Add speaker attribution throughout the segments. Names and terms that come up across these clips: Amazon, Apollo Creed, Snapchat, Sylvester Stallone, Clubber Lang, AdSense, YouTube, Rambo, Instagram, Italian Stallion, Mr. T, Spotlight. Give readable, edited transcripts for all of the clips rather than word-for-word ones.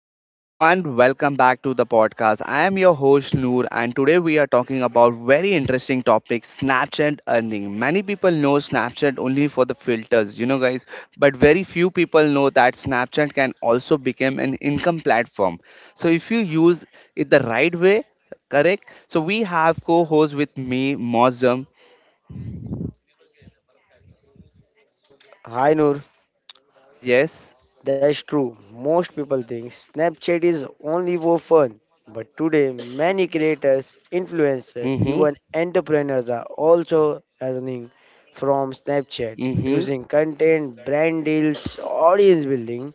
Speaker 1: Hello everyone, welcome back to the podcast. I am your host Noor and today we are talking about very interesting topic Snapchat earning. Many people know Snapchat only for the filters, you know guys, but very few people know that Snapchat can also become an income platform. So if you use it the right way, correct? So we have co-host with me Mozum.
Speaker 2: Hi Noor,
Speaker 1: Yes.
Speaker 2: that's true. Most people think Snapchat is only for fun, but today many creators, influencers,
Speaker 1: Mhm.
Speaker 2: even entrepreneurs are also earning from Snapchat
Speaker 1: Mhm.
Speaker 2: using content, brand deals, audience building,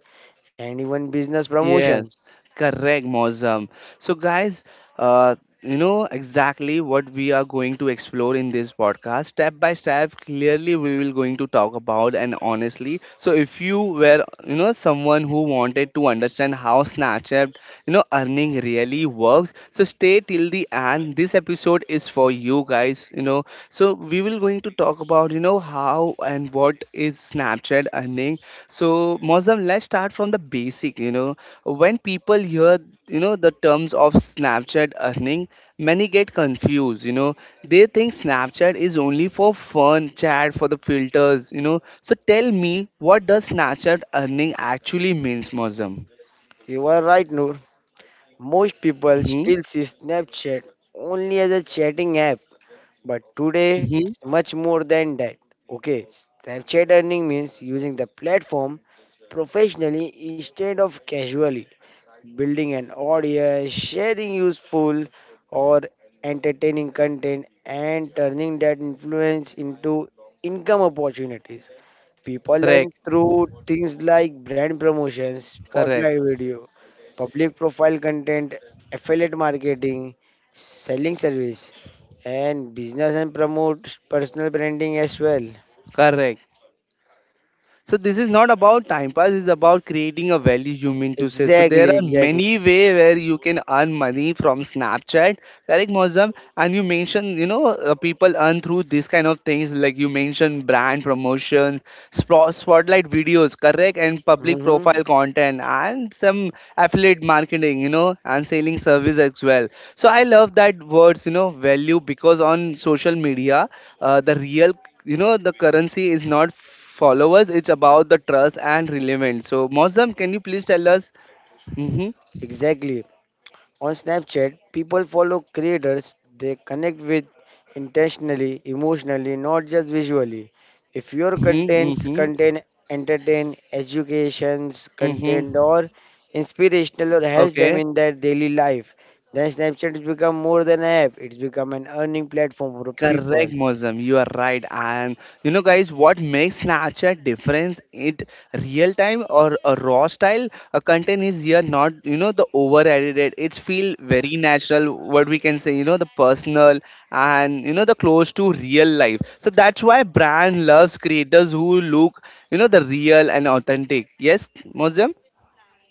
Speaker 2: and even business
Speaker 1: Yes,
Speaker 2: promotions.
Speaker 1: correct, Mozam. So, guys, uh, you know exactly what we are going to explore in this podcast, step by step. Clearly, we will going to talk about and honestly. So, if you were, someone who wanted to understand how Snapchat, earning really works, so stay till the end. This episode is for you guys. You know, so we will going to talk about, how and what is Snapchat earning. So, Mozam, let's start from the basic. You know when people hear, the terms of Snapchat earning, many get confused, They think Snapchat is only for fun, chat, for the filters, So tell me, what does Snapchat earning actually means, Mozam?
Speaker 2: You are right, Noor. Most people
Speaker 1: Mm-hmm.
Speaker 2: still see Snapchat only as a chatting app, but today,
Speaker 1: Mm-hmm.
Speaker 2: it's much more than that. Okay, Snapchat earning means using the platform professionally instead of casually, building an audience, sharing useful or entertaining content, and turning that influence into income opportunities. People
Speaker 1: Correct.
Speaker 2: learn through things like brand promotions, spotlight
Speaker 1: Correct.
Speaker 2: video, public profile content, affiliate marketing, selling service, and business, and promote personal branding as well.
Speaker 1: Correct. So this is not about time pass. It's about creating a value. You mean to say? So there
Speaker 2: Exactly,
Speaker 1: are
Speaker 2: exactly.
Speaker 1: many way where you can earn money from Snapchat, correct, Mozam? And you mentioned, people earn through these kind of things, like you mentioned, brand promotions, spotlight videos, correct, and public
Speaker 2: hmm
Speaker 1: profile content, and some affiliate marketing, and selling service as well. So I love that words, value because on social media, the real, the currency is not followers. It's about the trust and relevance. So, Mozam, can you please tell us? Mm-hmm,
Speaker 2: Exactly. On Snapchat, people follow creators they connect with intentionally, emotionally, not just visually. If your
Speaker 1: mm-hmm,
Speaker 2: contents
Speaker 1: mm-hmm,
Speaker 2: contain entertain, educations content,
Speaker 1: mm-hmm.
Speaker 2: or inspirational, or helps them
Speaker 1: Okay.
Speaker 2: in their daily life, then Snapchat has become more than an app. It's become an earning platform for
Speaker 1: Correct,
Speaker 2: people.
Speaker 1: Mosam. You are right. And you know, guys, what makes Snapchat difference? It real time or a raw style a content is here not you know the over edited. It's feel very natural. What we can say, the personal and you know the close to real life. So that's why brand loves creators who look you know the real and authentic. Yes, Mosam.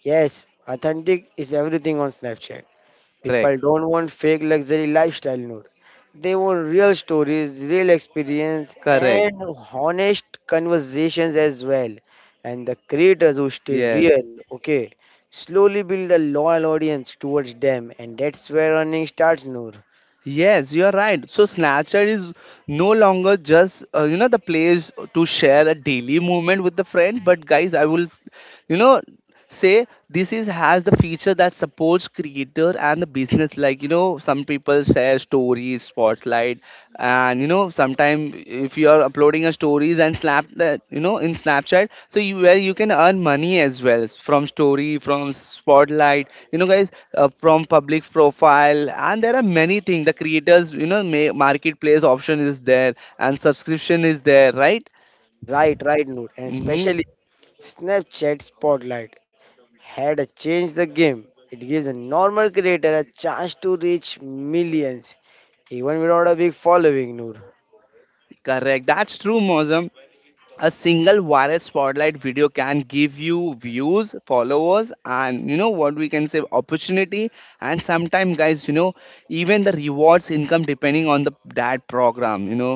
Speaker 2: Yes, authentic is everything on Snapchat. People
Speaker 1: Correct.
Speaker 2: don't want fake luxury lifestyle, Noor. They want real stories, real experience,
Speaker 1: Correct.
Speaker 2: and honest conversations as well. And the creators who stay
Speaker 1: Yes.
Speaker 2: real, okay, slowly build a loyal audience towards them, and that's where earning starts, Noor.
Speaker 1: Yes, you are right. So Snapchat is no longer just you know the place to share a daily moment with the friend, but guys, I will, you know, say this is has the feature that supports creator and the business like you know some people share stories spotlight and you know sometime if you are uploading a stories and snap that you know in snapchat so you where you can earn money as well from story from spotlight you know guys from public profile and there are many things the creators you know marketplace option is there and subscription is there right.
Speaker 2: Right, right, Noor. And
Speaker 1: Mm-hmm.
Speaker 2: especially Snapchat Spotlight had a change the game. It gives a normal creator a chance to reach millions, even without a big following, Noor.
Speaker 1: Correct, that's true Mozam. A single viral spotlight video can give you views followers and you know what we can say opportunity and sometimes guys you know even the rewards income depending on the that program you know.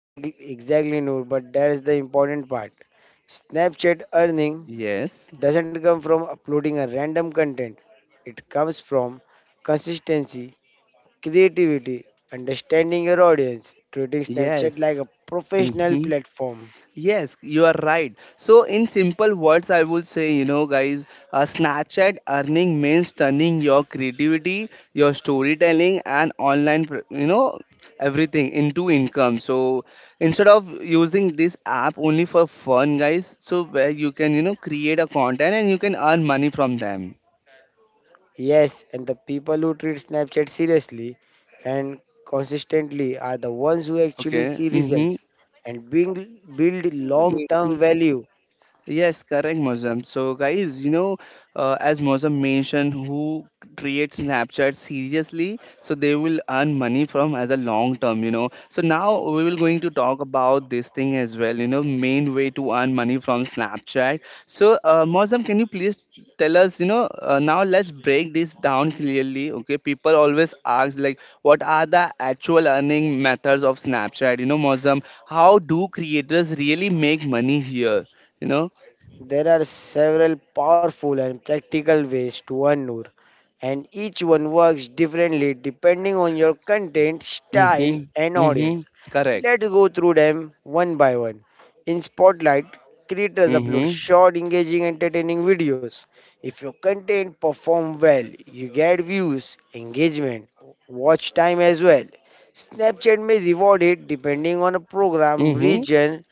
Speaker 2: Exactly, exactly, Noor. But that is the important part. Snapchat earning
Speaker 1: Yes.
Speaker 2: doesn't come from uploading a random content. It comes from consistency, creativity, understanding your audience, treating Snapchat
Speaker 1: Yes.
Speaker 2: like a professional
Speaker 1: Mhm.
Speaker 2: platform.
Speaker 1: Yes, you are right. So, in simple words, I would say, Snapchat earning means turning your creativity, your storytelling, and online, you know, everything into income. So, instead of using this app only for fun, guys, so where you can, create a content and you can earn money from them.
Speaker 2: Yes, and the people who treat Snapchat seriously and consistently are the ones who actually
Speaker 1: Okay.
Speaker 2: see
Speaker 1: Mm-hmm.
Speaker 2: results and being build long-term value.
Speaker 1: Yes, correct, Mozam. So, guys, as Mozam mentioned, who creates Snapchat seriously, so they will earn money from as a long term, So now we will going to talk about this thing as well, main way to earn money from Snapchat. So, Mozam, can you please tell us, now let's break this down clearly. Okay, people always ask like, what are the actual earning methods of Snapchat? You know, Mozam, how do creators really make money here? You know.
Speaker 2: There are several powerful and practical ways to earn, Noor, and each one works differently depending on your content, style,
Speaker 1: Mhm,
Speaker 2: and audience.
Speaker 1: mhm. Correct.
Speaker 2: Let's go through them one by one. In Spotlight, creators upload
Speaker 1: Mhm,
Speaker 2: short, engaging, entertaining videos. If your content perform well, you get views, engagement, watch time as well. Snapchat may reward it depending on a program,
Speaker 1: mhm.
Speaker 2: region,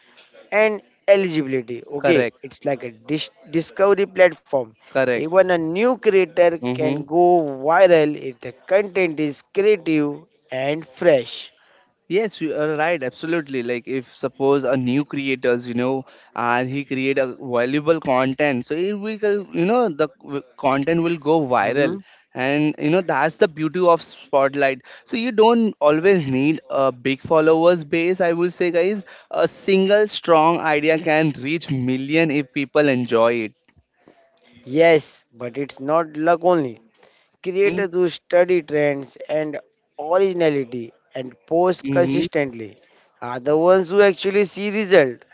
Speaker 2: and eligibility. Okay,
Speaker 1: Correct.
Speaker 2: it's like a discovery platform.
Speaker 1: Correct.
Speaker 2: Even a new creator can
Speaker 1: Mhm.
Speaker 2: go viral if the content is creative and fresh.
Speaker 1: Yes, you are right. Absolutely. Like if suppose a new creators, and he create a valuable content, so it will, you know, the content will go viral,
Speaker 2: Mhm.
Speaker 1: and you know that's the beauty of Spotlight. So you don't always need a big followers base. I will say, guys, a single strong idea can reach million if people enjoy it.
Speaker 2: Yes, but it's not luck only.
Speaker 1: Mhm,
Speaker 2: Creators who study trends and originality and post
Speaker 1: mhm,
Speaker 2: consistently are the ones who actually see result.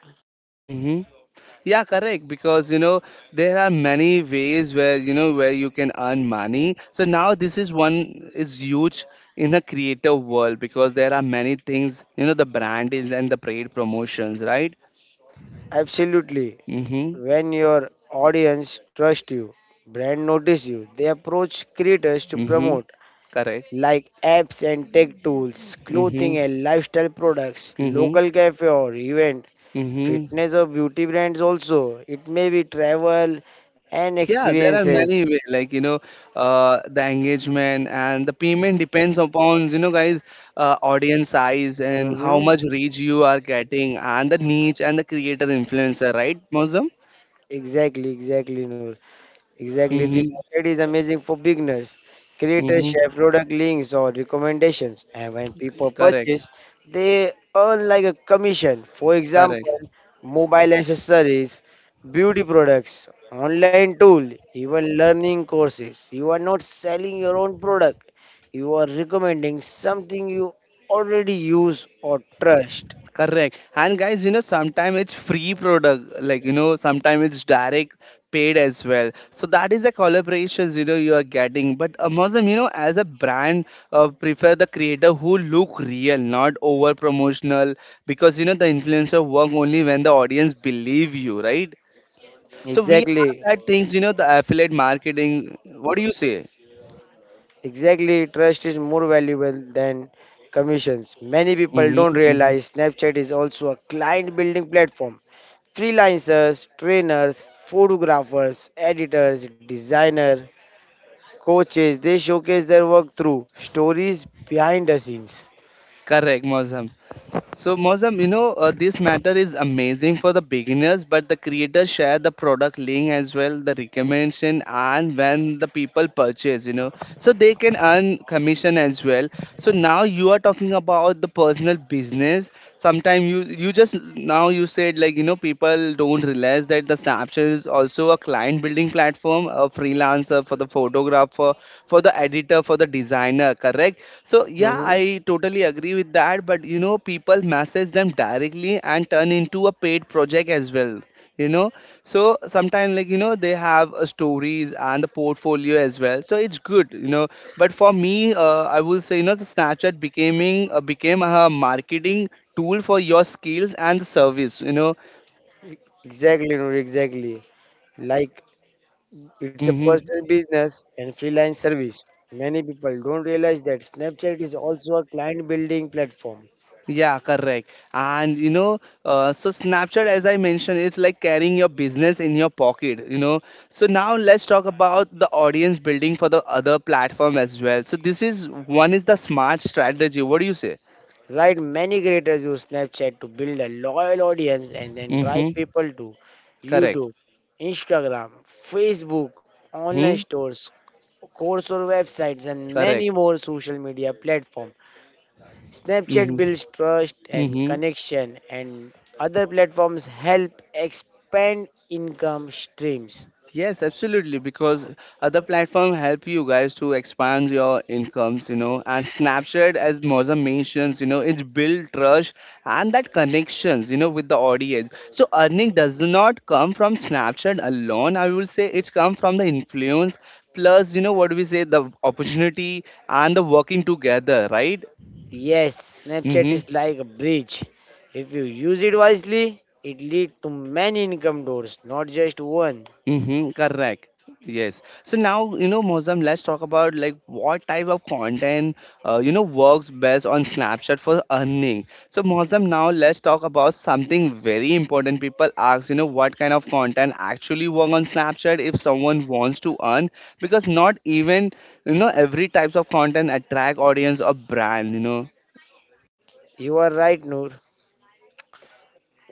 Speaker 1: mhm. Yeah, correct. Because you know there are many ways where you know where you can earn money. So now this is one is huge in the creative world because there are many things you know the brand is and the paid promotions, right?
Speaker 2: Absolutely.
Speaker 1: Mhm.
Speaker 2: When your audience trust you, brand notice you, they approach creators to
Speaker 1: Mhm.
Speaker 2: promote,
Speaker 1: Correct.
Speaker 2: like apps and tech tools,
Speaker 1: Mhm.
Speaker 2: clothing and lifestyle products,
Speaker 1: Mhm.
Speaker 2: local cafe or event,
Speaker 1: Mhm.
Speaker 2: fitness or beauty brands also. It may be travel and
Speaker 1: Yeah, there are
Speaker 2: experiences.
Speaker 1: many way, like the engagement and the payment depends upon you know guys, audience size and how
Speaker 2: Mm-hmm.
Speaker 1: much reach you are getting and the niche and the creator influencer, right, Mozam?
Speaker 2: Exactly, exactly, Noor. Exactly. The
Speaker 1: Mm-hmm.
Speaker 2: market is amazing for beginners. Creators
Speaker 1: Mm-hmm.
Speaker 2: share product links or recommendations, and when people
Speaker 1: Correct.
Speaker 2: purchase, they earn like a commission. For
Speaker 1: Correct.
Speaker 2: example, mobile accessories, beauty products, online tool, even learning courses. You are not selling your own product. You are recommending something you already use or trust.
Speaker 1: Correct. And guys, sometimes it's free product, like sometimes it's direct paid as well. So that is the collaborations you know you are getting. But Amazon, as a brand, prefer the creator who look real, not over promotional, because you know the influencer work only when the audience believe you, right? So we have
Speaker 2: Exactly.
Speaker 1: that things, the affiliate marketing. What do you say?
Speaker 2: Exactly, trust is more valuable than commissions. Many people don't
Speaker 1: Mm-hmm, mm-hmm.
Speaker 2: realize Snapchat is also a client building platform. Freelancers, trainers, photographers, editors, designer, coaches, they showcase their work through stories behind the scenes.
Speaker 1: Correct, Mozam. So, Mozam, this matter is amazing for the beginners, but the creators share the product link as well, the recommendation, and when the people purchase, so they can earn commission as well. So now you are talking about the personal business. Sometimes you just now you said like you know people don't realize that the Snapchat is also a client building platform, a freelancer for the photographer, for the editor, for the designer, correct? So yeah,
Speaker 2: hmm
Speaker 1: I totally agree with that, but you know people message them directly and turn into a paid project as well. You know, so sometimes like you know they have stories and the portfolio as well. So it's good, But for me, I will say you know the Snapchat becoming became a marketing tool for your skills and the service you know.
Speaker 2: Exactly, Noor, exactly. Like it's a
Speaker 1: Hmm.
Speaker 2: personal business and freelance service. Many people don't realize that Snapchat is also a client building platform.
Speaker 1: Yeah, correct. And so snapchat as I mentioned it's like carrying your business in your pocket you know. So now let's talk about the audience building for the other platform as well, so this is one is the smart strategy, what do you say?
Speaker 2: Right, many creators use Snapchat to build a loyal audience and then drive
Speaker 1: Mm-hmm.
Speaker 2: people to
Speaker 1: Correct.
Speaker 2: YouTube, Instagram, Facebook, online
Speaker 1: Mm-hmm.
Speaker 2: stores, course or websites and many
Speaker 1: Correct.
Speaker 2: more social media platforms. Snapchat
Speaker 1: Mm-hmm.
Speaker 2: builds trust and
Speaker 1: Mm-hmm.
Speaker 2: connection, and other platforms help expand income streams.
Speaker 1: Yes, absolutely. Because other platform help you guys to expand your incomes, and Snapchat, as Mozam mentions, it's build trust and that connections, with the audience. So earning does not come from Snapchat alone. I will say it's come from the influence plus, what we say the opportunity and the working together, right?
Speaker 2: Yes, Snapchat
Speaker 1: Mm-hmm.
Speaker 2: is like a bridge. If you use it wisely, it leads to many income doors, not just one.
Speaker 1: Mm-hmm, correct. Yes. So now, Mozam, let's talk about like what type of content, works best on Snapchat for earning. So, Mozam, now let's talk about something very important. People ask, what kind of content actually work on Snapchat if someone wants to earn, because not even, every types of content attract audience or brand,
Speaker 2: You are right, Noor.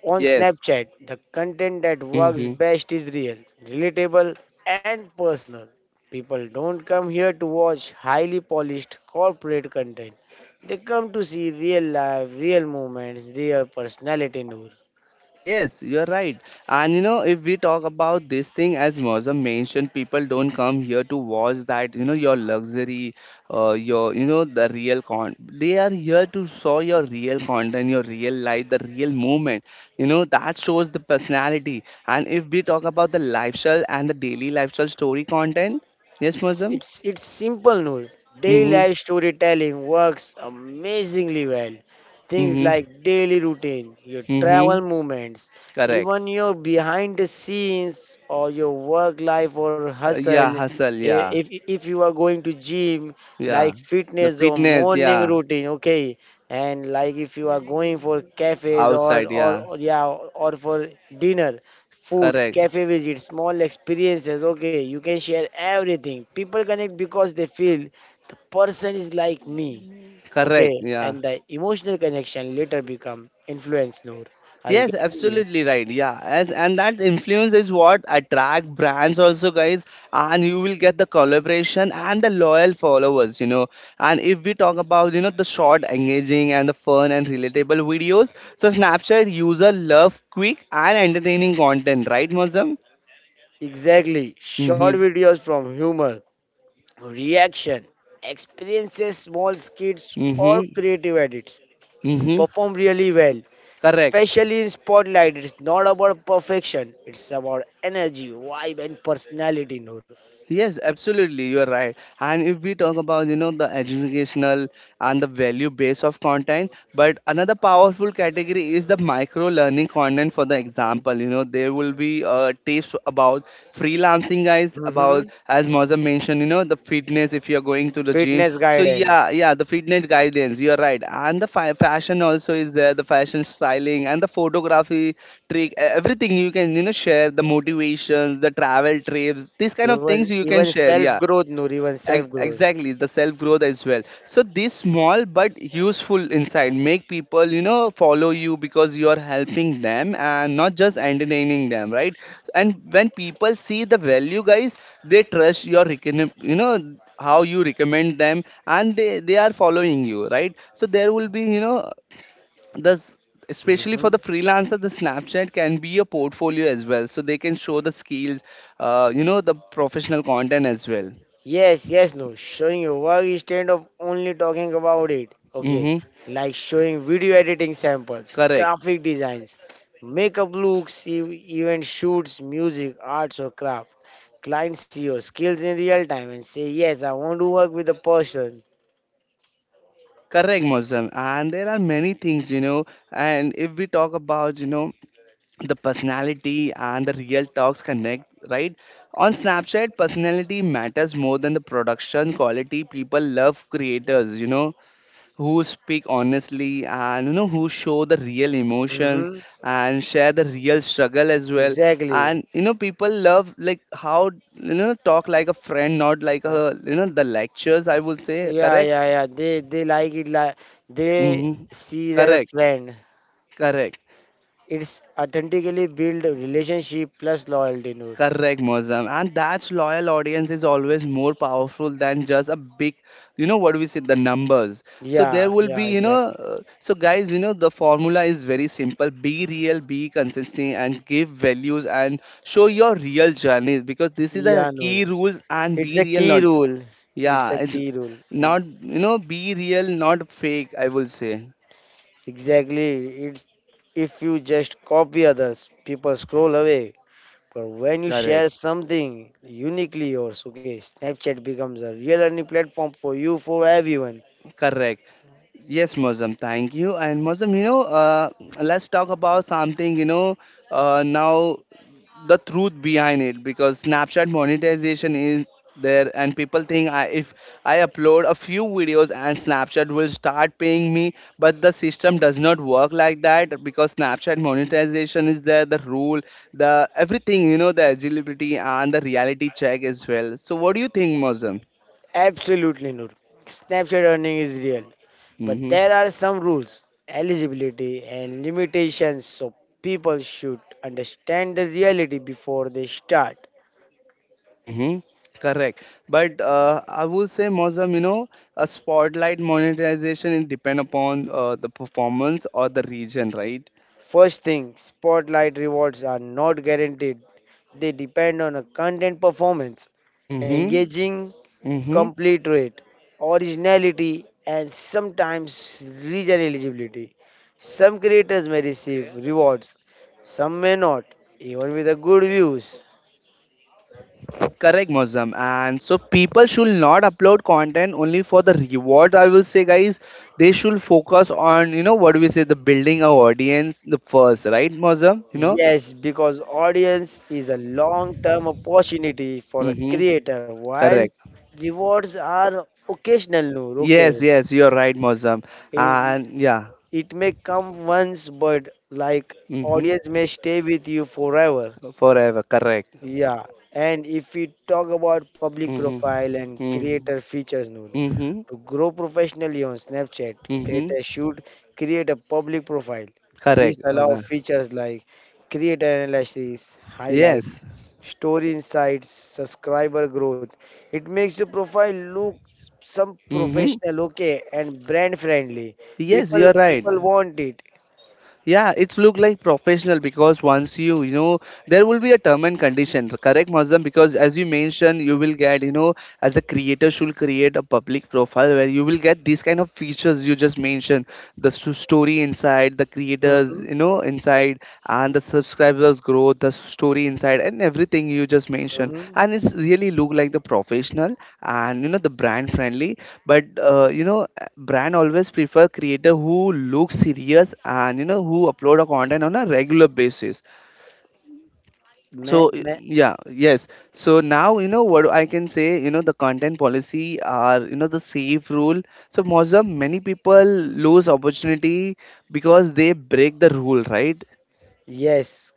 Speaker 2: On
Speaker 1: Yes.
Speaker 2: Snapchat, the content that works
Speaker 1: Mm-hmm.
Speaker 2: best is real, relatable, and personal. People don't come here to watch highly polished corporate content. They come to see real life, real moments, real personality, Noor.
Speaker 1: Yes, you're right. And if we talk about this thing, as Mozam mentioned, people don't come here to watch that, your luxury, your, the real con. They are here to saw your real content, your real life, the real moment. You know, that shows the personality. And if we talk about the lifestyle and the daily lifestyle story content, yes, Mozam?
Speaker 2: It's simple, Noor. Daily
Speaker 1: Mm-hmm.
Speaker 2: life storytelling works amazingly well. Things
Speaker 1: Mm-hmm.
Speaker 2: like daily routine, your
Speaker 1: Mm-hmm.
Speaker 2: travel movements,
Speaker 1: Correct.
Speaker 2: even your behind the scenes or your work life or hustle.
Speaker 1: Yeah, hustle.
Speaker 2: i-
Speaker 1: Yeah.
Speaker 2: If if you are going to gym,
Speaker 1: Yeah.
Speaker 2: like
Speaker 1: The
Speaker 2: fitness or
Speaker 1: fitness.
Speaker 2: morning
Speaker 1: Yeah.
Speaker 2: routine, okay, and like if you are going for cafes or
Speaker 1: Outside. Yeah.
Speaker 2: or yeah, or for dinner, food,
Speaker 1: Correct.
Speaker 2: cafe visits, small experiences. Okay, you can share everything. People connect because they feel the person is like me.
Speaker 1: Correct.
Speaker 2: Okay,
Speaker 1: Yeah.
Speaker 2: and the emotional connection later become influence. Noor, are you
Speaker 1: Yes,
Speaker 2: getting me?
Speaker 1: absolutely right. Yeah. As and that influence is what attract brands also, guys. And you will get the collaboration and the loyal followers, And if we talk about, the short, engaging and the fun and relatable videos, so Snapchat user love quick and entertaining content, right, Mazam?
Speaker 2: Exactly. Short
Speaker 1: Mm-hmm.
Speaker 2: videos from humor, reaction, experiences, small skits,
Speaker 1: Mm-hmm.
Speaker 2: or creative edits
Speaker 1: Mm-hmm.
Speaker 2: perform really well.
Speaker 1: Correct.
Speaker 2: Especially in spotlight, it's not about perfection. It's about energy, vibe, and personality. Noor.
Speaker 1: Yes, absolutely, you are right. And if we talk about, the educational and the value base of content, but another powerful category is the micro learning content. For the example, you know, there will be tips about freelancing guys
Speaker 2: hmm
Speaker 1: about, as Mozam mentioned, you know, the fitness. If you're going to the gym,
Speaker 2: Fitness
Speaker 1: so
Speaker 2: guidance,
Speaker 1: yeah, yeah, the fitness guidance, you're right. And the fashion also is there, the fashion styling and the photography trick. Everything you can, you know, share the motivations, the travel trips, these kind of things you can
Speaker 2: even
Speaker 1: share,
Speaker 2: self
Speaker 1: yeah.
Speaker 2: growth, Noor, even
Speaker 1: Ex-
Speaker 2: self growth.
Speaker 1: exactly the self growth as well. So these small but useful insight make people, you know, follow you because you are helping them and not just entertaining them, right? And when people see the value, guys, they trust your you know how you recommend them, and they are following you, right? So there will be, you know, the s- especially for the
Speaker 2: hmm
Speaker 1: freelancer, the Snapchat can be a portfolio as well, so they can show the skills, you know, the professional content as well.
Speaker 2: Yes, yes, no. Showing your work instead of only talking about it. Okay,
Speaker 1: Hmm.
Speaker 2: like showing video editing samples,
Speaker 1: Correct,
Speaker 2: graphic designs, makeup looks, even shoots, music, arts or craft. Clients see your skills in real time and say, yes, I want to work with a person.
Speaker 1: correct, Mozam. And there are many things, you know. And if we talk about, you know, the personality and the real talks connect, right? On Snapchat, personality matters more than the production quality. People love creators, you know, who speak honestly and, you know, who show the real emotions
Speaker 2: Mm-hmm.
Speaker 1: and share the real struggle as well.
Speaker 2: Exactly.
Speaker 1: And, you know, people love, like, how, you know, talk like a friend, not like
Speaker 2: Uh,
Speaker 1: a, you know, the lectures, I would say,
Speaker 2: yeah,
Speaker 1: correct?
Speaker 2: yeah, yeah. They like it, like they
Speaker 1: Mm-hmm.
Speaker 2: see it as a
Speaker 1: Correct,
Speaker 2: friend.
Speaker 1: correct,
Speaker 2: It's authentically build relationship plus loyalty, Noor.
Speaker 1: correct, Mozam. And that loyal audience is always more powerful than just a big, you know, what we say, the numbers. So there
Speaker 2: Yeah,
Speaker 1: will be,
Speaker 2: yeah,
Speaker 1: you know,
Speaker 2: exactly.
Speaker 1: so guys, you know, the formula is very simple: be real, be consistent, and give values and show your real journey because this is the
Speaker 2: Yeah, Noor.
Speaker 1: key rules. And
Speaker 2: It's
Speaker 1: be
Speaker 2: a
Speaker 1: real,
Speaker 2: key
Speaker 1: not,
Speaker 2: rule. It's
Speaker 1: yeah,
Speaker 2: a
Speaker 1: it's
Speaker 2: key rule.
Speaker 1: not, you know, be real, not fake, I will say.
Speaker 2: Exactly. It's, if you just copy others, people scroll away. But when you
Speaker 1: Correct,
Speaker 2: share something uniquely yours, okay, Snapchat becomes a real learning platform for you, for everyone.
Speaker 1: correct. Yes, Mozam, thank you. And Mozam, you know, let's talk about something, you know, now the truth behind it, because Snapchat monetization is there and people think, I, if I upload a few videos and Snapchat will start paying me, but the system does not work like that, because Snapchat monetization is there, the rule, the everything, you know, the eligibility and the reality check as well. So what do you think, Mozam?
Speaker 2: Absolutely, Noor. Snapchat earning is real, but
Speaker 1: Hmm.
Speaker 2: there are some rules, eligibility, and limitations, so people should understand the reality before they start.
Speaker 1: Mm-hmm. Correct. But I would say, Mozam, you know, a spotlight monetization, it depend upon the performance or the region, right?
Speaker 2: First thing, spotlight rewards are not guaranteed, they depend on a content performance.
Speaker 1: Mm-hmm.
Speaker 2: Engaging
Speaker 1: Mm-hmm.
Speaker 2: complete rate, originality, and sometimes region eligibility. Some creators may receive rewards, some may not, even with the good views.
Speaker 1: Correct, Mozam. And so people should not upload content only for the reward. I will say, guys, they should focus on, you know, what do we say, the building our audience the first, right, Mozam? You know?
Speaker 2: Yes, because audience is a long-term opportunity for a
Speaker 1: Mm-hmm.
Speaker 2: creator, while
Speaker 1: Correct.
Speaker 2: rewards are occasional. No, okay,
Speaker 1: Yes, yes, you're right, Mozam.
Speaker 2: it,
Speaker 1: And yeah.
Speaker 2: it may come once, but like
Speaker 1: Mm-hmm.
Speaker 2: audience may stay with you forever.
Speaker 1: Forever. Correct.
Speaker 2: Yeah, and if we talk about public
Speaker 1: Mhm.
Speaker 2: profile and creator
Speaker 1: Mhm.
Speaker 2: features, Noor,
Speaker 1: Mhm.
Speaker 2: to grow professionally on Snapchat,
Speaker 1: Mhm.
Speaker 2: creators should create a public profile. This
Speaker 1: Correct.
Speaker 2: allows
Speaker 1: Okay.
Speaker 2: features like creator analysis,
Speaker 1: Yes.
Speaker 2: highlights, story insights, subscriber growth. It makes your profile look some
Speaker 1: Mhm.
Speaker 2: professional, okay, and brand friendly.
Speaker 1: Yes, you're right.
Speaker 2: People want it.
Speaker 1: Yeah, it's look like professional, because once you, you know, there will be a term and condition, correct, Muslim? Because as you mentioned, you will get, you know, as a creator should create a public profile where you will get these kind of features you just mentioned, the story inside the creators,
Speaker 2: Mm-hmm,
Speaker 1: you know, inside, and the subscribers growth, the story inside and everything you just mentioned,
Speaker 2: mm-hmm.
Speaker 1: and it's really look like the professional, and you know, the brand friendly. But you know, brand always prefer creator who look serious and, you know, who upload a content on a regular basis. So yeah, yes. So now, you know, what I can say, you know, the content policy are, you know, the safe rule. So most of many people lose opportunity because they break the rule, right?
Speaker 2: Yes,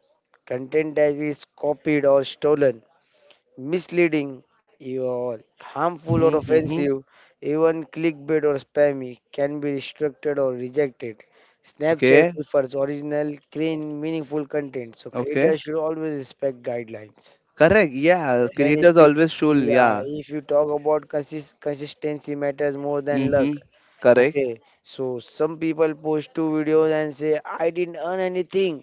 Speaker 2: content that is copied or stolen, misleading or harmful or
Speaker 1: Mm-hmm, mm-hmm.
Speaker 2: offensive, even clickbait or spammy can be restricted or rejected. Snapchat
Speaker 1: Okay.
Speaker 2: prefers original, clean, meaningful content, so
Speaker 1: Okay.
Speaker 2: creators should always respect guidelines.
Speaker 1: Correct, yeah,
Speaker 2: And if
Speaker 1: creators
Speaker 2: you,
Speaker 1: always should,
Speaker 2: yeah,
Speaker 1: yeah.
Speaker 2: if you talk about consistency matters more than luck.
Speaker 1: Mm-hmm. Correct.
Speaker 2: Okay, so some people post two videos and say, I didn't earn anything.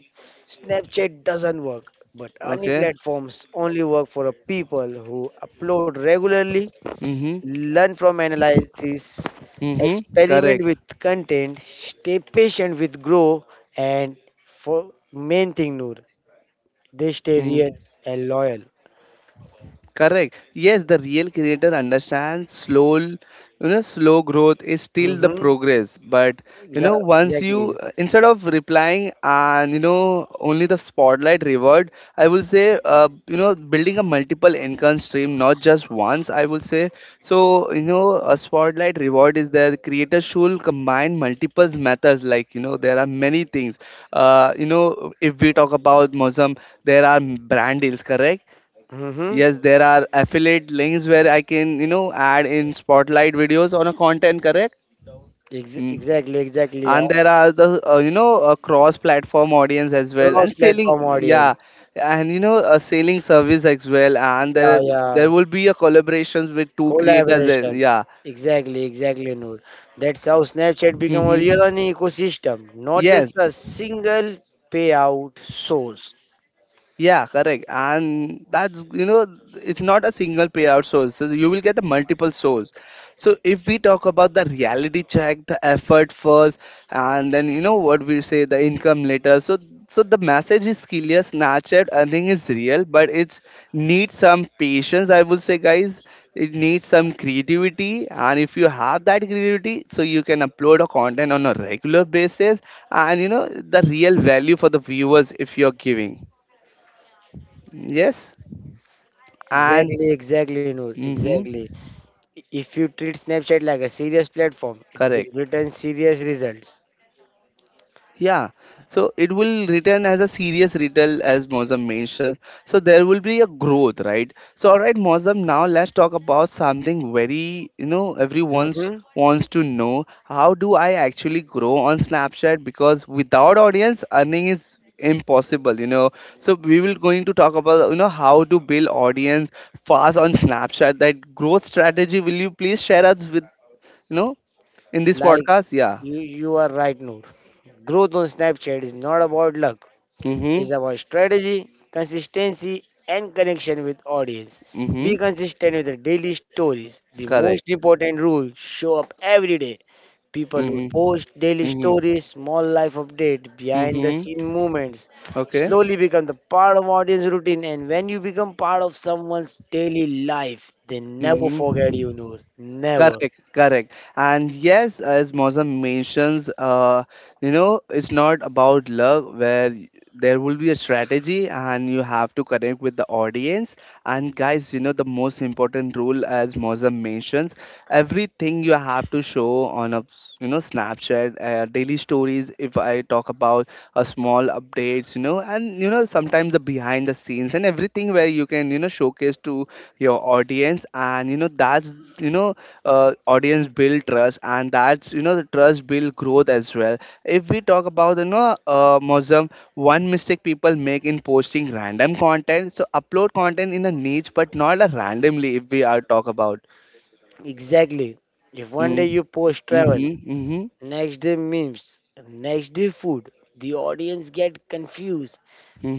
Speaker 2: Snapchat doesn't work, but earning
Speaker 1: Okay.
Speaker 2: platforms only work for a people who upload regularly,
Speaker 1: Mm-hmm,
Speaker 2: learn from analysis,
Speaker 1: mm-hmm.
Speaker 2: experiment
Speaker 1: Correct.
Speaker 2: with content, stay patient with grow, and for main thing, Noor, they stay real and loyal.
Speaker 1: Correct. Yes, the real creator understands slow, you know, slow growth is still the
Speaker 2: Mm-hmm.
Speaker 1: progress. But you know, once
Speaker 2: Exactly.
Speaker 1: you, instead of replying and you know only the spotlight reward, I will say, you know, building a multiple income stream, not just once, I will say. So, you know, a spotlight reward is there. The creator should combine multiple methods. Like you know, there are many things. You know, if we talk about Mozum, there are brand deals. Correct.
Speaker 2: Mm-hmm.
Speaker 1: Yes, there are affiliate links where I can, you know, add in spotlight videos on a content, correct? Mm.
Speaker 2: Exactly. Exactly.
Speaker 1: And there are the, you know, cross-platform audience as well, and selling,
Speaker 2: Cross-platform audience.
Speaker 1: yeah, and you know, a selling service as well. And
Speaker 2: Yeah,
Speaker 1: there
Speaker 2: yeah.
Speaker 1: will be a collaborations with two creators.
Speaker 2: Collaborations.
Speaker 1: Yeah.
Speaker 2: Exactly. Exactly, Noor. That's how Snapchat become a
Speaker 1: Mm-hmm.
Speaker 2: real an ecosystem, not just
Speaker 1: Yes.
Speaker 2: a single payout source.
Speaker 1: Yeah, correct. And that's, you know, it's not a single payout source. So you will get the multiple source. So if we talk about the reality check, the effort first, and then, you know, what we say, the income later. So the message is clear, Snapchat earning is real, but it's needs some patience, I will say, guys. It needs some creativity. And if you have that creativity, so you can upload a content on a regular basis. And, you know, the real value for the viewers if you're giving. Yes, and
Speaker 2: Exactly, exactly, Noor.
Speaker 1: hmm
Speaker 2: Exactly. If you treat Snapchat like a serious platform, it
Speaker 1: correct.
Speaker 2: will return serious results.
Speaker 1: Yeah, so it will return as a serious retail, as Mozam mentioned. So there will be a growth, right? So all right, Mozam. Now let's talk about something very, you know, everyone's
Speaker 2: Mm-hmm.
Speaker 1: wants to know. How do I actually grow on Snapchat? Because without audience, earning is impossible, you know. So we will going to talk about, you know, how to build audience fast on Snapchat. That growth strategy, will you please share us with, you know, in this
Speaker 2: Like
Speaker 1: podcast, yeah?
Speaker 2: you are right, Noor. Growth on Snapchat is not about luck.
Speaker 1: Mm-hmm.
Speaker 2: Is about strategy, consistency, and connection with audience. Be
Speaker 1: Mm-hmm.
Speaker 2: consistent with the daily stories. The most
Speaker 1: Correct.
Speaker 2: important rule, show up every day. People who
Speaker 1: Mm-hmm.
Speaker 2: post daily
Speaker 1: Mm-hmm.
Speaker 2: stories, small life update, behind the
Speaker 1: Mm-hmm.
Speaker 2: scene moments,
Speaker 1: Okay.
Speaker 2: slowly become the part of audience routine. And when you become part of someone's daily life, they never forget you,
Speaker 1: Mm-hmm.
Speaker 2: Noor. Never.
Speaker 1: Correct, correct. And yes, as Mozam mentions, you know, it's not about love where there will be a strategy and you have to connect with the audience. And guys, you know, the most important rule as Mozam mentions, everything you have to show on a, you know, Snapchat, daily stories, if I talk about a small updates, you know, and, you know, sometimes the behind the scenes and everything where you can, you know, showcase to your audience. And, you know, that's, you know, audience build trust, and that's, you know, the trust build growth as well. If we talk about, you know, Muslim, one mistake people make in posting random content. So upload content in a niche, but not a randomly. If we are talk about,
Speaker 2: Exactly. If one day
Speaker 1: mm,
Speaker 2: you post travel,
Speaker 1: mm-hmm, mm-hmm,
Speaker 2: next day memes, next day food. The audience get confused,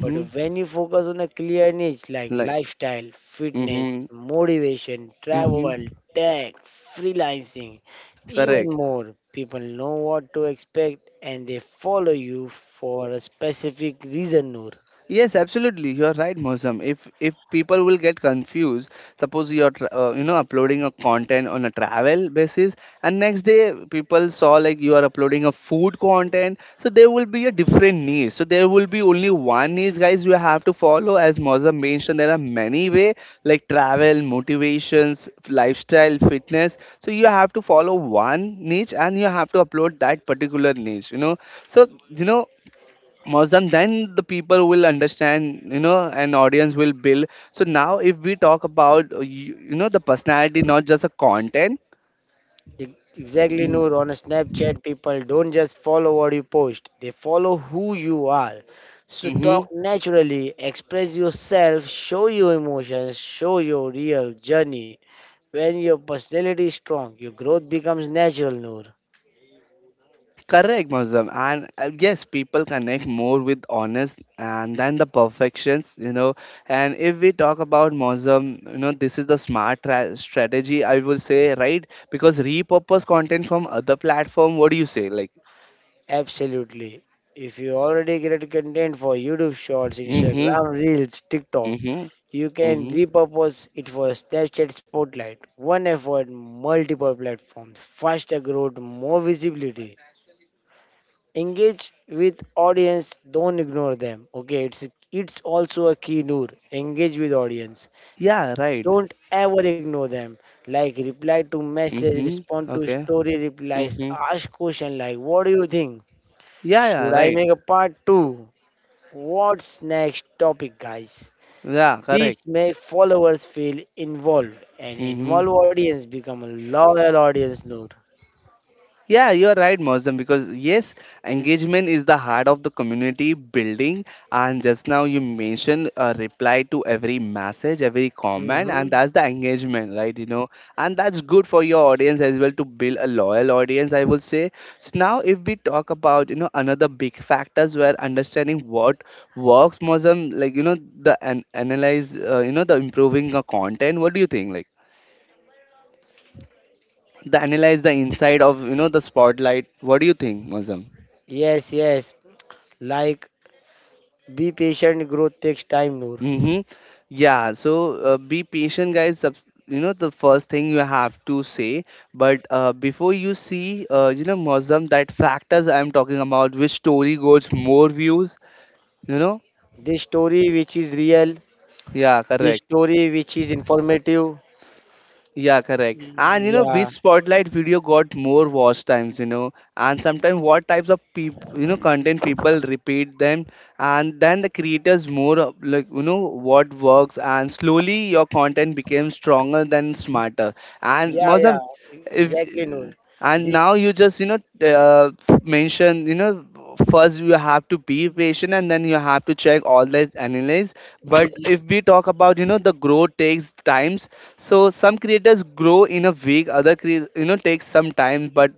Speaker 2: but when you focus on a clear niche like
Speaker 1: like,
Speaker 2: lifestyle, fitness,
Speaker 1: mm-hmm,
Speaker 2: motivation,
Speaker 1: mm-hmm,
Speaker 2: travel, tech, freelancing, even
Speaker 1: correct.
Speaker 2: more, people know what to expect and they follow you for a specific reason, Noor.
Speaker 1: Yes, absolutely. You are right, Mosam. If people will get confused, suppose you are you know, uploading a content on a travel basis, and next day people saw like you are uploading a food content, so there will be a different niche. So there will be only one niche, guys. You have to follow, as Mosam mentioned. There are many way, like travel, motivations, lifestyle, fitness. So you have to follow one niche, and you have to upload that particular niche. You know, so you know, Mozam, then the people will understand, you know, and audience will build. So now, if we talk about, you, you know, the personality, not just a content.
Speaker 2: Ex- Exactly,
Speaker 1: Mm-hmm.
Speaker 2: Noor. On Snapchat, people don't just follow what you post, they follow who you are. So
Speaker 1: Mm-hmm.
Speaker 2: talk naturally, express yourself, show your emotions, show your real journey. When your personality is strong, your growth becomes natural, Noor.
Speaker 1: Correct, Mozam. And yes, people connect more with honest and then the perfections, you know. And if we talk about Mozam, you know, this is the smart strategy, I will say, right? Because repurpose content from other platform. What do you say? Like,
Speaker 2: Absolutely. If you already create content for YouTube Shorts,
Speaker 1: mm-hmm,
Speaker 2: Instagram Reels, TikTok,
Speaker 1: mm-hmm,
Speaker 2: you can
Speaker 1: mm-hmm.
Speaker 2: repurpose it for Snapchat Spotlight. One effort, multiple platforms, faster growth, more visibility. Engage with audience, don't ignore them, okay? It's also a key, Noor. Engage with audience,
Speaker 1: Yeah, right.
Speaker 2: don't ever ignore them. Like reply to message,
Speaker 1: Mm-hmm.
Speaker 2: respond to
Speaker 1: Okay.
Speaker 2: story replies,
Speaker 1: Mm-hmm.
Speaker 2: ask question like, what do you think?
Speaker 1: Yeah, yeah,
Speaker 2: Should I
Speaker 1: right.
Speaker 2: make a part 2? What's next topic, guys?
Speaker 1: Yeah,
Speaker 2: This
Speaker 1: correct.
Speaker 2: make followers feel involved, and involved
Speaker 1: Mm-hmm.
Speaker 2: audience become a loyal audience, Noor.
Speaker 1: Yeah, you're right, Mosdem, because yes, engagement is the heart of the community building. And just now you mentioned a reply to every message, every comment,
Speaker 2: hmm
Speaker 1: and that's the engagement, right? You know, and that's good for your audience as well to build a loyal audience, I will say. So now, if we talk about, you know, another big factors where understanding what works, Mosdem, like, you know, the an analyze, you know, the improving the content. What do you think? Like, the analyze the inside of, you know, the spotlight. What do you think, Mosdem?
Speaker 2: yes, yes, like be patient, growth takes time, Noor.
Speaker 1: Mm-hmm. Yeah, so be patient, guys. You know, the first thing you have to say, but before you see, you know, Muslim, that factors I'm talking about, which story goes more views, you know?
Speaker 2: The story which is real,
Speaker 1: Yeah,
Speaker 2: the
Speaker 1: correct.
Speaker 2: story which is informative.
Speaker 1: Yeah, correct. And you know
Speaker 2: Yeah,
Speaker 1: which spotlight video got more watch times, you know, and sometimes what types of people, you know, content people repeat them, and then the creators more of, like you know what works, and slowly your content became stronger than smarter. And
Speaker 2: yeah, yeah,
Speaker 1: Mozam, if
Speaker 2: exactly, Noor.
Speaker 1: and
Speaker 2: The
Speaker 1: now you just you know mention, you know, first you have to be patient and then you have to check all that analyze. But if we talk about, you know, the growth takes times. So some creators grow in a week, other you know takes some time, but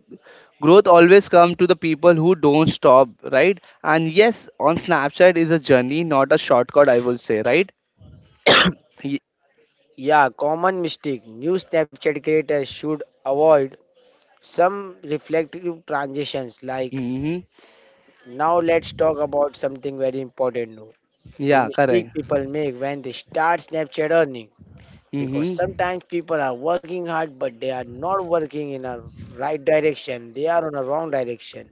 Speaker 1: growth always comes to the people who don't stop, right? And yes, on Snapchat is a journey, not a shortcut, I will say, right? Y-
Speaker 2: Yeah, common mistake new Snapchat creators should avoid some reflective transitions like,
Speaker 1: mm-hmm.
Speaker 2: now let's talk about something very important, Noor. The
Speaker 1: Yeah,
Speaker 2: mistake
Speaker 1: correct.
Speaker 2: people make when they start Snapchat earning, because
Speaker 1: Mm-hmm.
Speaker 2: sometimes people are working hard but they are not working in a right direction, they are on a wrong direction.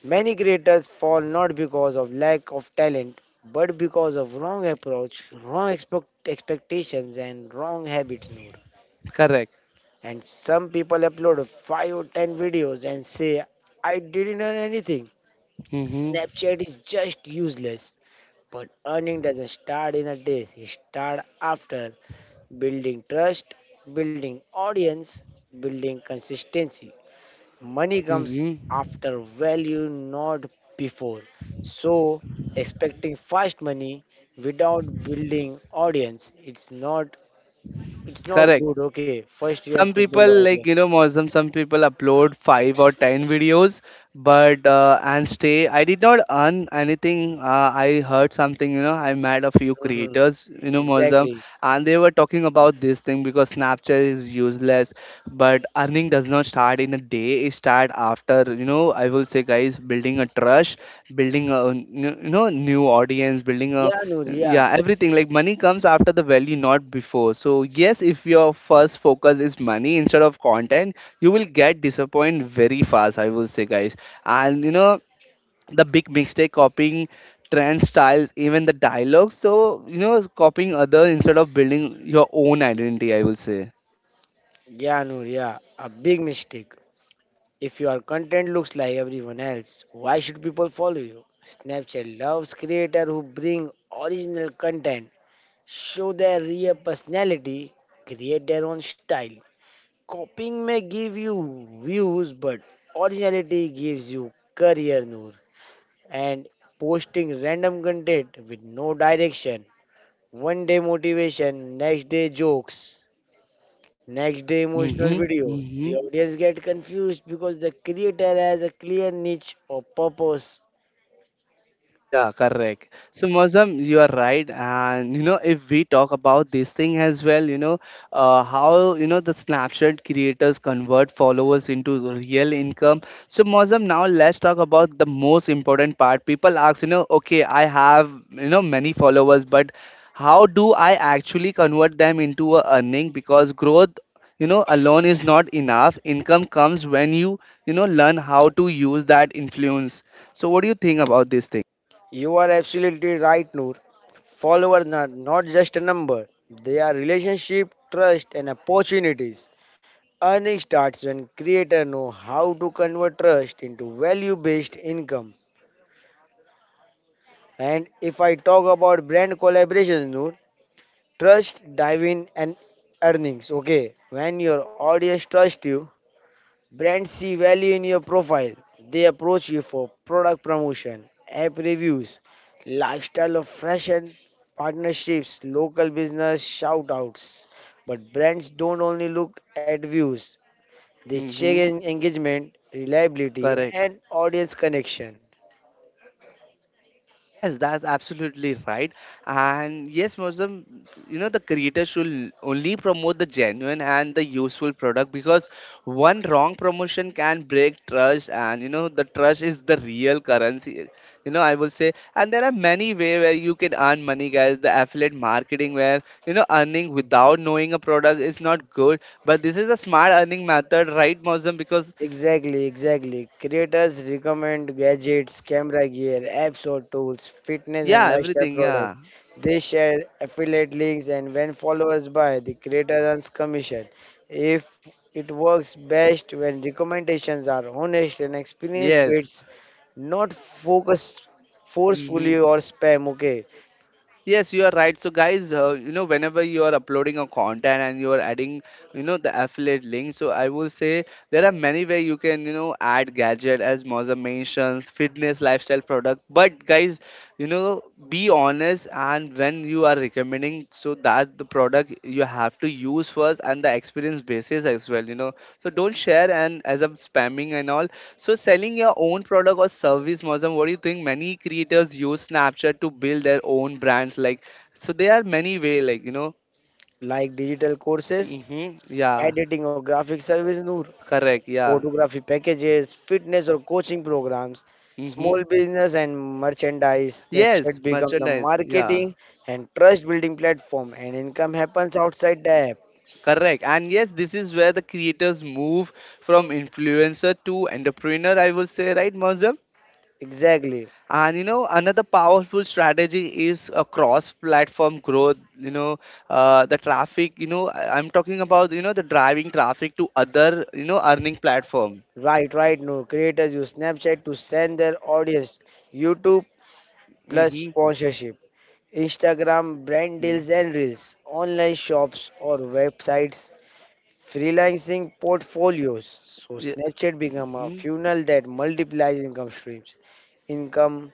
Speaker 2: Many creators fall not because of lack of talent, but because of wrong approach, wrong expectations, and wrong habits. Noor.
Speaker 1: Correct.
Speaker 2: And some people upload 5 or 10 videos and say, I didn't earn anything.
Speaker 1: Mm-hmm.
Speaker 2: Snapchat is just useless. But earning doesn't start in a day, it starts after building trust, building audience, building consistency. Money comes
Speaker 1: Mm-hmm.
Speaker 2: after value, not before. So, expecting fast money without building audience, it's not, it's not
Speaker 1: Correct.
Speaker 2: good. Okay, first you have
Speaker 1: Some
Speaker 2: to build
Speaker 1: people,
Speaker 2: audience.
Speaker 1: like, you know, Muslim, some people upload 5 or 10 videos but and stay I did not earn anything. I heard something, you know, I met a few
Speaker 2: Mhm.
Speaker 1: creators, you know, Muslim,
Speaker 2: Exactly.
Speaker 1: and they were talking about this thing because Snapchat is useless. But earning does not start in a day, it start after, you know, I will say, guys, building a trust, building a, you know, new audience, building a
Speaker 2: Yeah, Noor. Yeah,
Speaker 1: yeah, everything. Like, money comes after the value, not before. So yes, if your first focus is money instead of content, you will get disappointed very fast, I will say, guys. And you know, the big mistake: copying trend styles, even the dialogue. So you know, copying other instead of building your own identity, I will say.
Speaker 2: yeah, Noor. Yeah, a big mistake. If your content looks like everyone else, why should people follow you? Snapchat loves creators who bring original content, show their real personality, create their own style. Copying may give you views, but originality gives you career, Noor. And posting random content with no direction, one day motivation, next day jokes, next day emotional
Speaker 1: Mm-hmm.
Speaker 2: video. The
Speaker 1: Mm-hmm.
Speaker 2: audience get confused because the creator has a clear niche or purpose.
Speaker 1: Yeah, correct. So, Mozam, you are right. And you know, if we talk about this thing as well, you know, how, you know, the Snapchat creators convert followers into the real income. So, Mozam, now let's talk about the most important part. People ask, you know, okay, I have, you know, many followers, but how do I actually convert them into a earning? Because growth, you know, alone is not enough. Income comes when you know, learn how to use that influence. So what do you think about this thing?
Speaker 2: You are absolutely right, Noor. Followers are not just a number; they are relationship, trust, and opportunities. Earning starts when creator know how to convert trust into value-based income. And if I talk about brand collaborations, Noor, trust, dive in and earnings. Okay, when your audience trusts you, brands see value in your profile. They approach you for product promotion, app reviews, lifestyle of fashion, partnerships, local business shout outs. But brands don't only look at views, they check
Speaker 1: Mm-hmm.
Speaker 2: engagement, reliability,
Speaker 1: Correct.
Speaker 2: and audience connection.
Speaker 1: Yes, that's absolutely right. And yes, Muslim, you know, the creator should only promote the genuine and the useful product, because one wrong promotion can break trust, and you know, the trust is the real currency. You know, I will say, and there are many way where you can earn money, guys. The affiliate marketing, where, you know, earning without knowing a product is not good, but this is a smart earning method, right, Muslim? Because
Speaker 2: Exactly, exactly. Creators recommend gadgets, camera gear, apps or tools, fitness and
Speaker 1: yeah,
Speaker 2: lifestyle
Speaker 1: everything, yeah,
Speaker 2: products. They share affiliate links, and when followers buy, the creator earns commission. If It works best when recommendations are honest and experience
Speaker 1: yes.
Speaker 2: based, not focused
Speaker 1: Mhm.
Speaker 2: forcefully or spam, okay?
Speaker 1: Yes, you are right. So, guys, you know, whenever you are uploading a content and you are adding, you know, the affiliate link, so I will say there are many way you can, you know, add gadget, as Moza mentioned, fitness, lifestyle product. But guys, you know, be honest, and when you are recommending, so that the product you have to use first and the experience basis as well, you know. So don't share and as I'm spamming and all. So, selling your own product or service, Mozam, what do you think? Many creators use Snapchat to build their own brands. Like, so there are many way. Like, you know.
Speaker 2: Like digital courses,
Speaker 1: Mm-hmm. Yeah.
Speaker 2: editing or graphic service, Noor,
Speaker 1: Correct. Yeah.
Speaker 2: photography packages, fitness or coaching programs, small
Speaker 1: Mm-hmm.
Speaker 2: business, and merchandise.
Speaker 1: Yes,
Speaker 2: Snapchat become the
Speaker 1: merchandise. Yeah,
Speaker 2: marketing and trust building platform and income happens outside the app.
Speaker 1: correct. And yes, this is where the creators move from influencer to entrepreneur, I will say, right, Mozam?
Speaker 2: Exactly.
Speaker 1: And you know, another powerful strategy is a cross-platform growth. You know, the traffic. You know, I'm talking about, you know, the driving traffic to other, you know, earning platform.
Speaker 2: Right, right. No, creators use Snapchat to send their audience YouTube plus
Speaker 1: Mm-hmm.
Speaker 2: sponsorship, Instagram brand
Speaker 1: Mm-hmm.
Speaker 2: deals and reels, online shops or websites, freelancing portfolios. So
Speaker 1: Yeah.
Speaker 2: Snapchat become a
Speaker 1: Mm-hmm.
Speaker 2: funnel that multiplies income streams. Income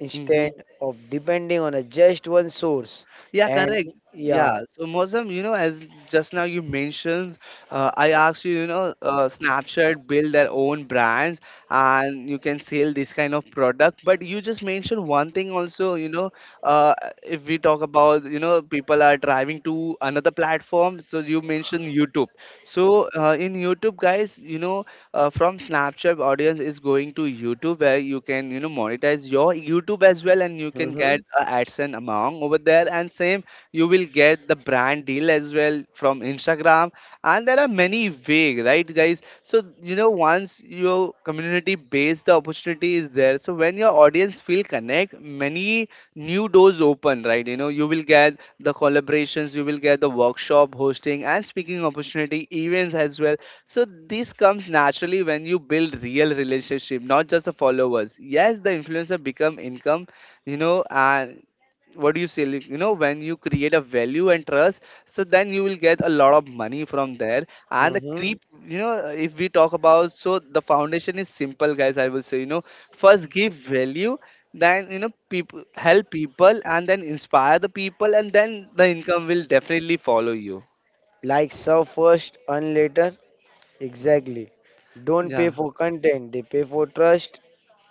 Speaker 2: instead
Speaker 1: Mm-hmm.
Speaker 2: of depending on a just one source.
Speaker 1: Yeah,
Speaker 2: And
Speaker 1: correct.
Speaker 2: yeah,
Speaker 1: Yeah. So, Mosam, you know, as just now you mentioned, I asked you, you know, Snapchat build their own brands and you can sell this kind of product. But you just mentioned one thing also, you know, uh, if we talk about, you know, people are driving to another platform. So you mentioned YouTube. So in YouTube, guys, you know, from Snapchat audience is going to YouTube where you can, you know, monetize your YouTube as well, and you can get
Speaker 2: hmm
Speaker 1: a AdSense amount over there, and same, you will get the brand deal as well from Instagram. And there are many way, right, guys? So you know, once your community base, the opportunity is there. So when your audience feel connect, many new doors open, right? You know, you will get the collaborations, you will get the workshop hosting and speaking opportunity events as well. So this comes naturally when you build real relationship, not just the followers. Yes, the influencer become income, you know, and what do you say? Like, you know, when you create a value and trust, so then you will get a lot of money from there. And the
Speaker 2: hmm
Speaker 1: creep, you know, if we talk about, so the foundation is simple, guys. I will say, you know, first give value, then you know, people help people, and then inspire the people, and then the income will definitely follow you.
Speaker 2: like serve first, earn later. Exactly. Don't pay
Speaker 1: Yeah,
Speaker 2: for content; they pay for trust,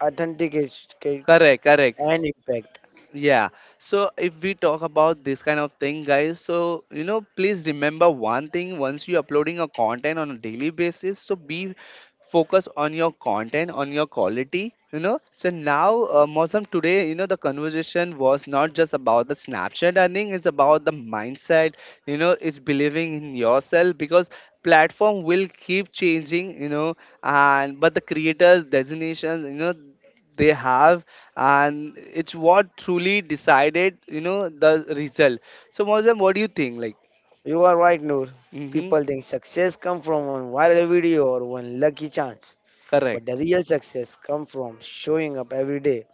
Speaker 2: authenticity,
Speaker 1: correct, correct.
Speaker 2: and impact.
Speaker 1: Yeah. So if we talk about this kind of thing, guys, so you know, please remember one thing: once you're uploading a content on a daily basis, so be focused on your content, on your quality, you know. So now, Mosam, today, you know, the conversation was not just about the Snapchat earning, it's about the mindset, you know, it's believing in yourself, because platform will keep changing, you know, and but the creators' designations, you know, they have, and it's what truly decided, you know, the result. So, Mozam, what do you think? Like
Speaker 2: You are right, Noor.
Speaker 1: mm-hmm,
Speaker 2: People think success comes from one viral video or one lucky chance. But
Speaker 1: correct,
Speaker 2: the real success comes from showing up every day,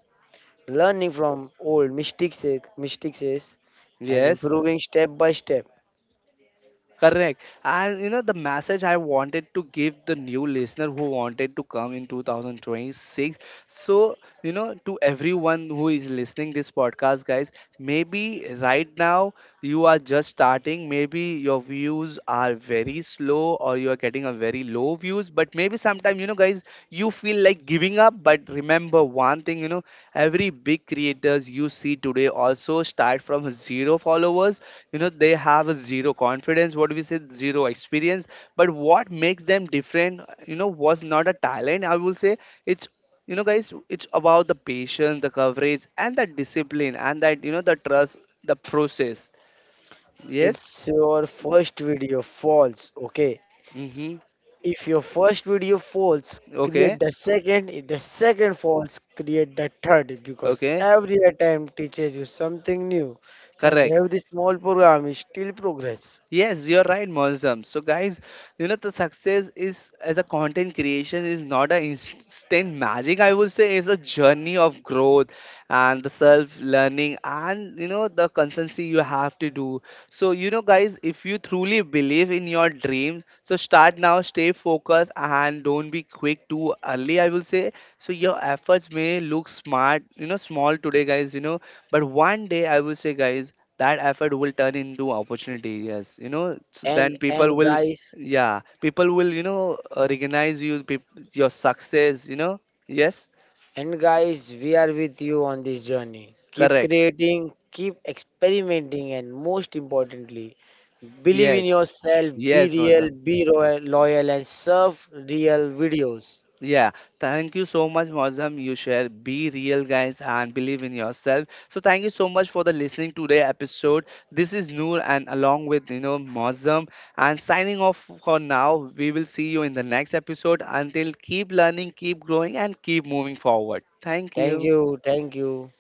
Speaker 2: learning from old mistakes, and
Speaker 1: yes.
Speaker 2: improving step by step.
Speaker 1: Correct. And you know, the message I wanted to give the new listener who wanted to come in 2026. So you know, to everyone who is listening this podcast, guys, maybe right now you are just starting, maybe your views are very slow or you are getting a very low views, but maybe sometime, you know, guys, you feel like giving up, but remember one thing, you know, every big creators you see today also start from zero followers. You know, they have a zero confidence, what we say, zero experience. But what makes them different, you know, was not a talent, I will say. It's, you know, guys, it's about the patience, the coverage, and the discipline, and that, you know, the trust, the process. Yes.
Speaker 2: It's your first video falls, okay?
Speaker 1: Mm-hmm.
Speaker 2: If your first video falls,
Speaker 1: Okay.
Speaker 2: create the second. If the second falls, create the third, because
Speaker 1: Okay.
Speaker 2: every attempt teaches you something new and
Speaker 1: Correct.
Speaker 2: every small program is still progress.
Speaker 1: Yes, you're right, Mosam. So, guys, you know, the success is as a content creation is not an instant magic, I would say, it's a journey of growth and the self learning and, you know, the consistency you have to do. So you know, guys, if you truly believe in your dreams, so start now, stay focused, and don't be quick too early, I will say. So your efforts may look smart, you know, small today, guys, you know, but one day, I will say, guys, that effort will turn into opportunity. Yes, you know, so
Speaker 2: And
Speaker 1: then people
Speaker 2: and
Speaker 1: will
Speaker 2: guys,
Speaker 1: yeah, people will, you know, recognize you, your success, you know. Yes,
Speaker 2: And guys, we are with you on this journey. Keep
Speaker 1: correct,
Speaker 2: creating, keep experimenting, and most importantly, believe in
Speaker 1: yes,
Speaker 2: yourself, be
Speaker 1: yes,
Speaker 2: real,
Speaker 1: Moza.
Speaker 2: be royal, loyal, and serve real videos.
Speaker 1: Yeah, thank you so much, Mozam. You share be real, guys, and believe in yourself. So thank you so much for the listening today episode. This is Noor, and along with, you know, Mozam, and signing off for now. We will see you in the next episode. Until, keep learning, keep growing, and keep moving forward. Thank
Speaker 2: Thank
Speaker 1: you.
Speaker 2: you, thank you.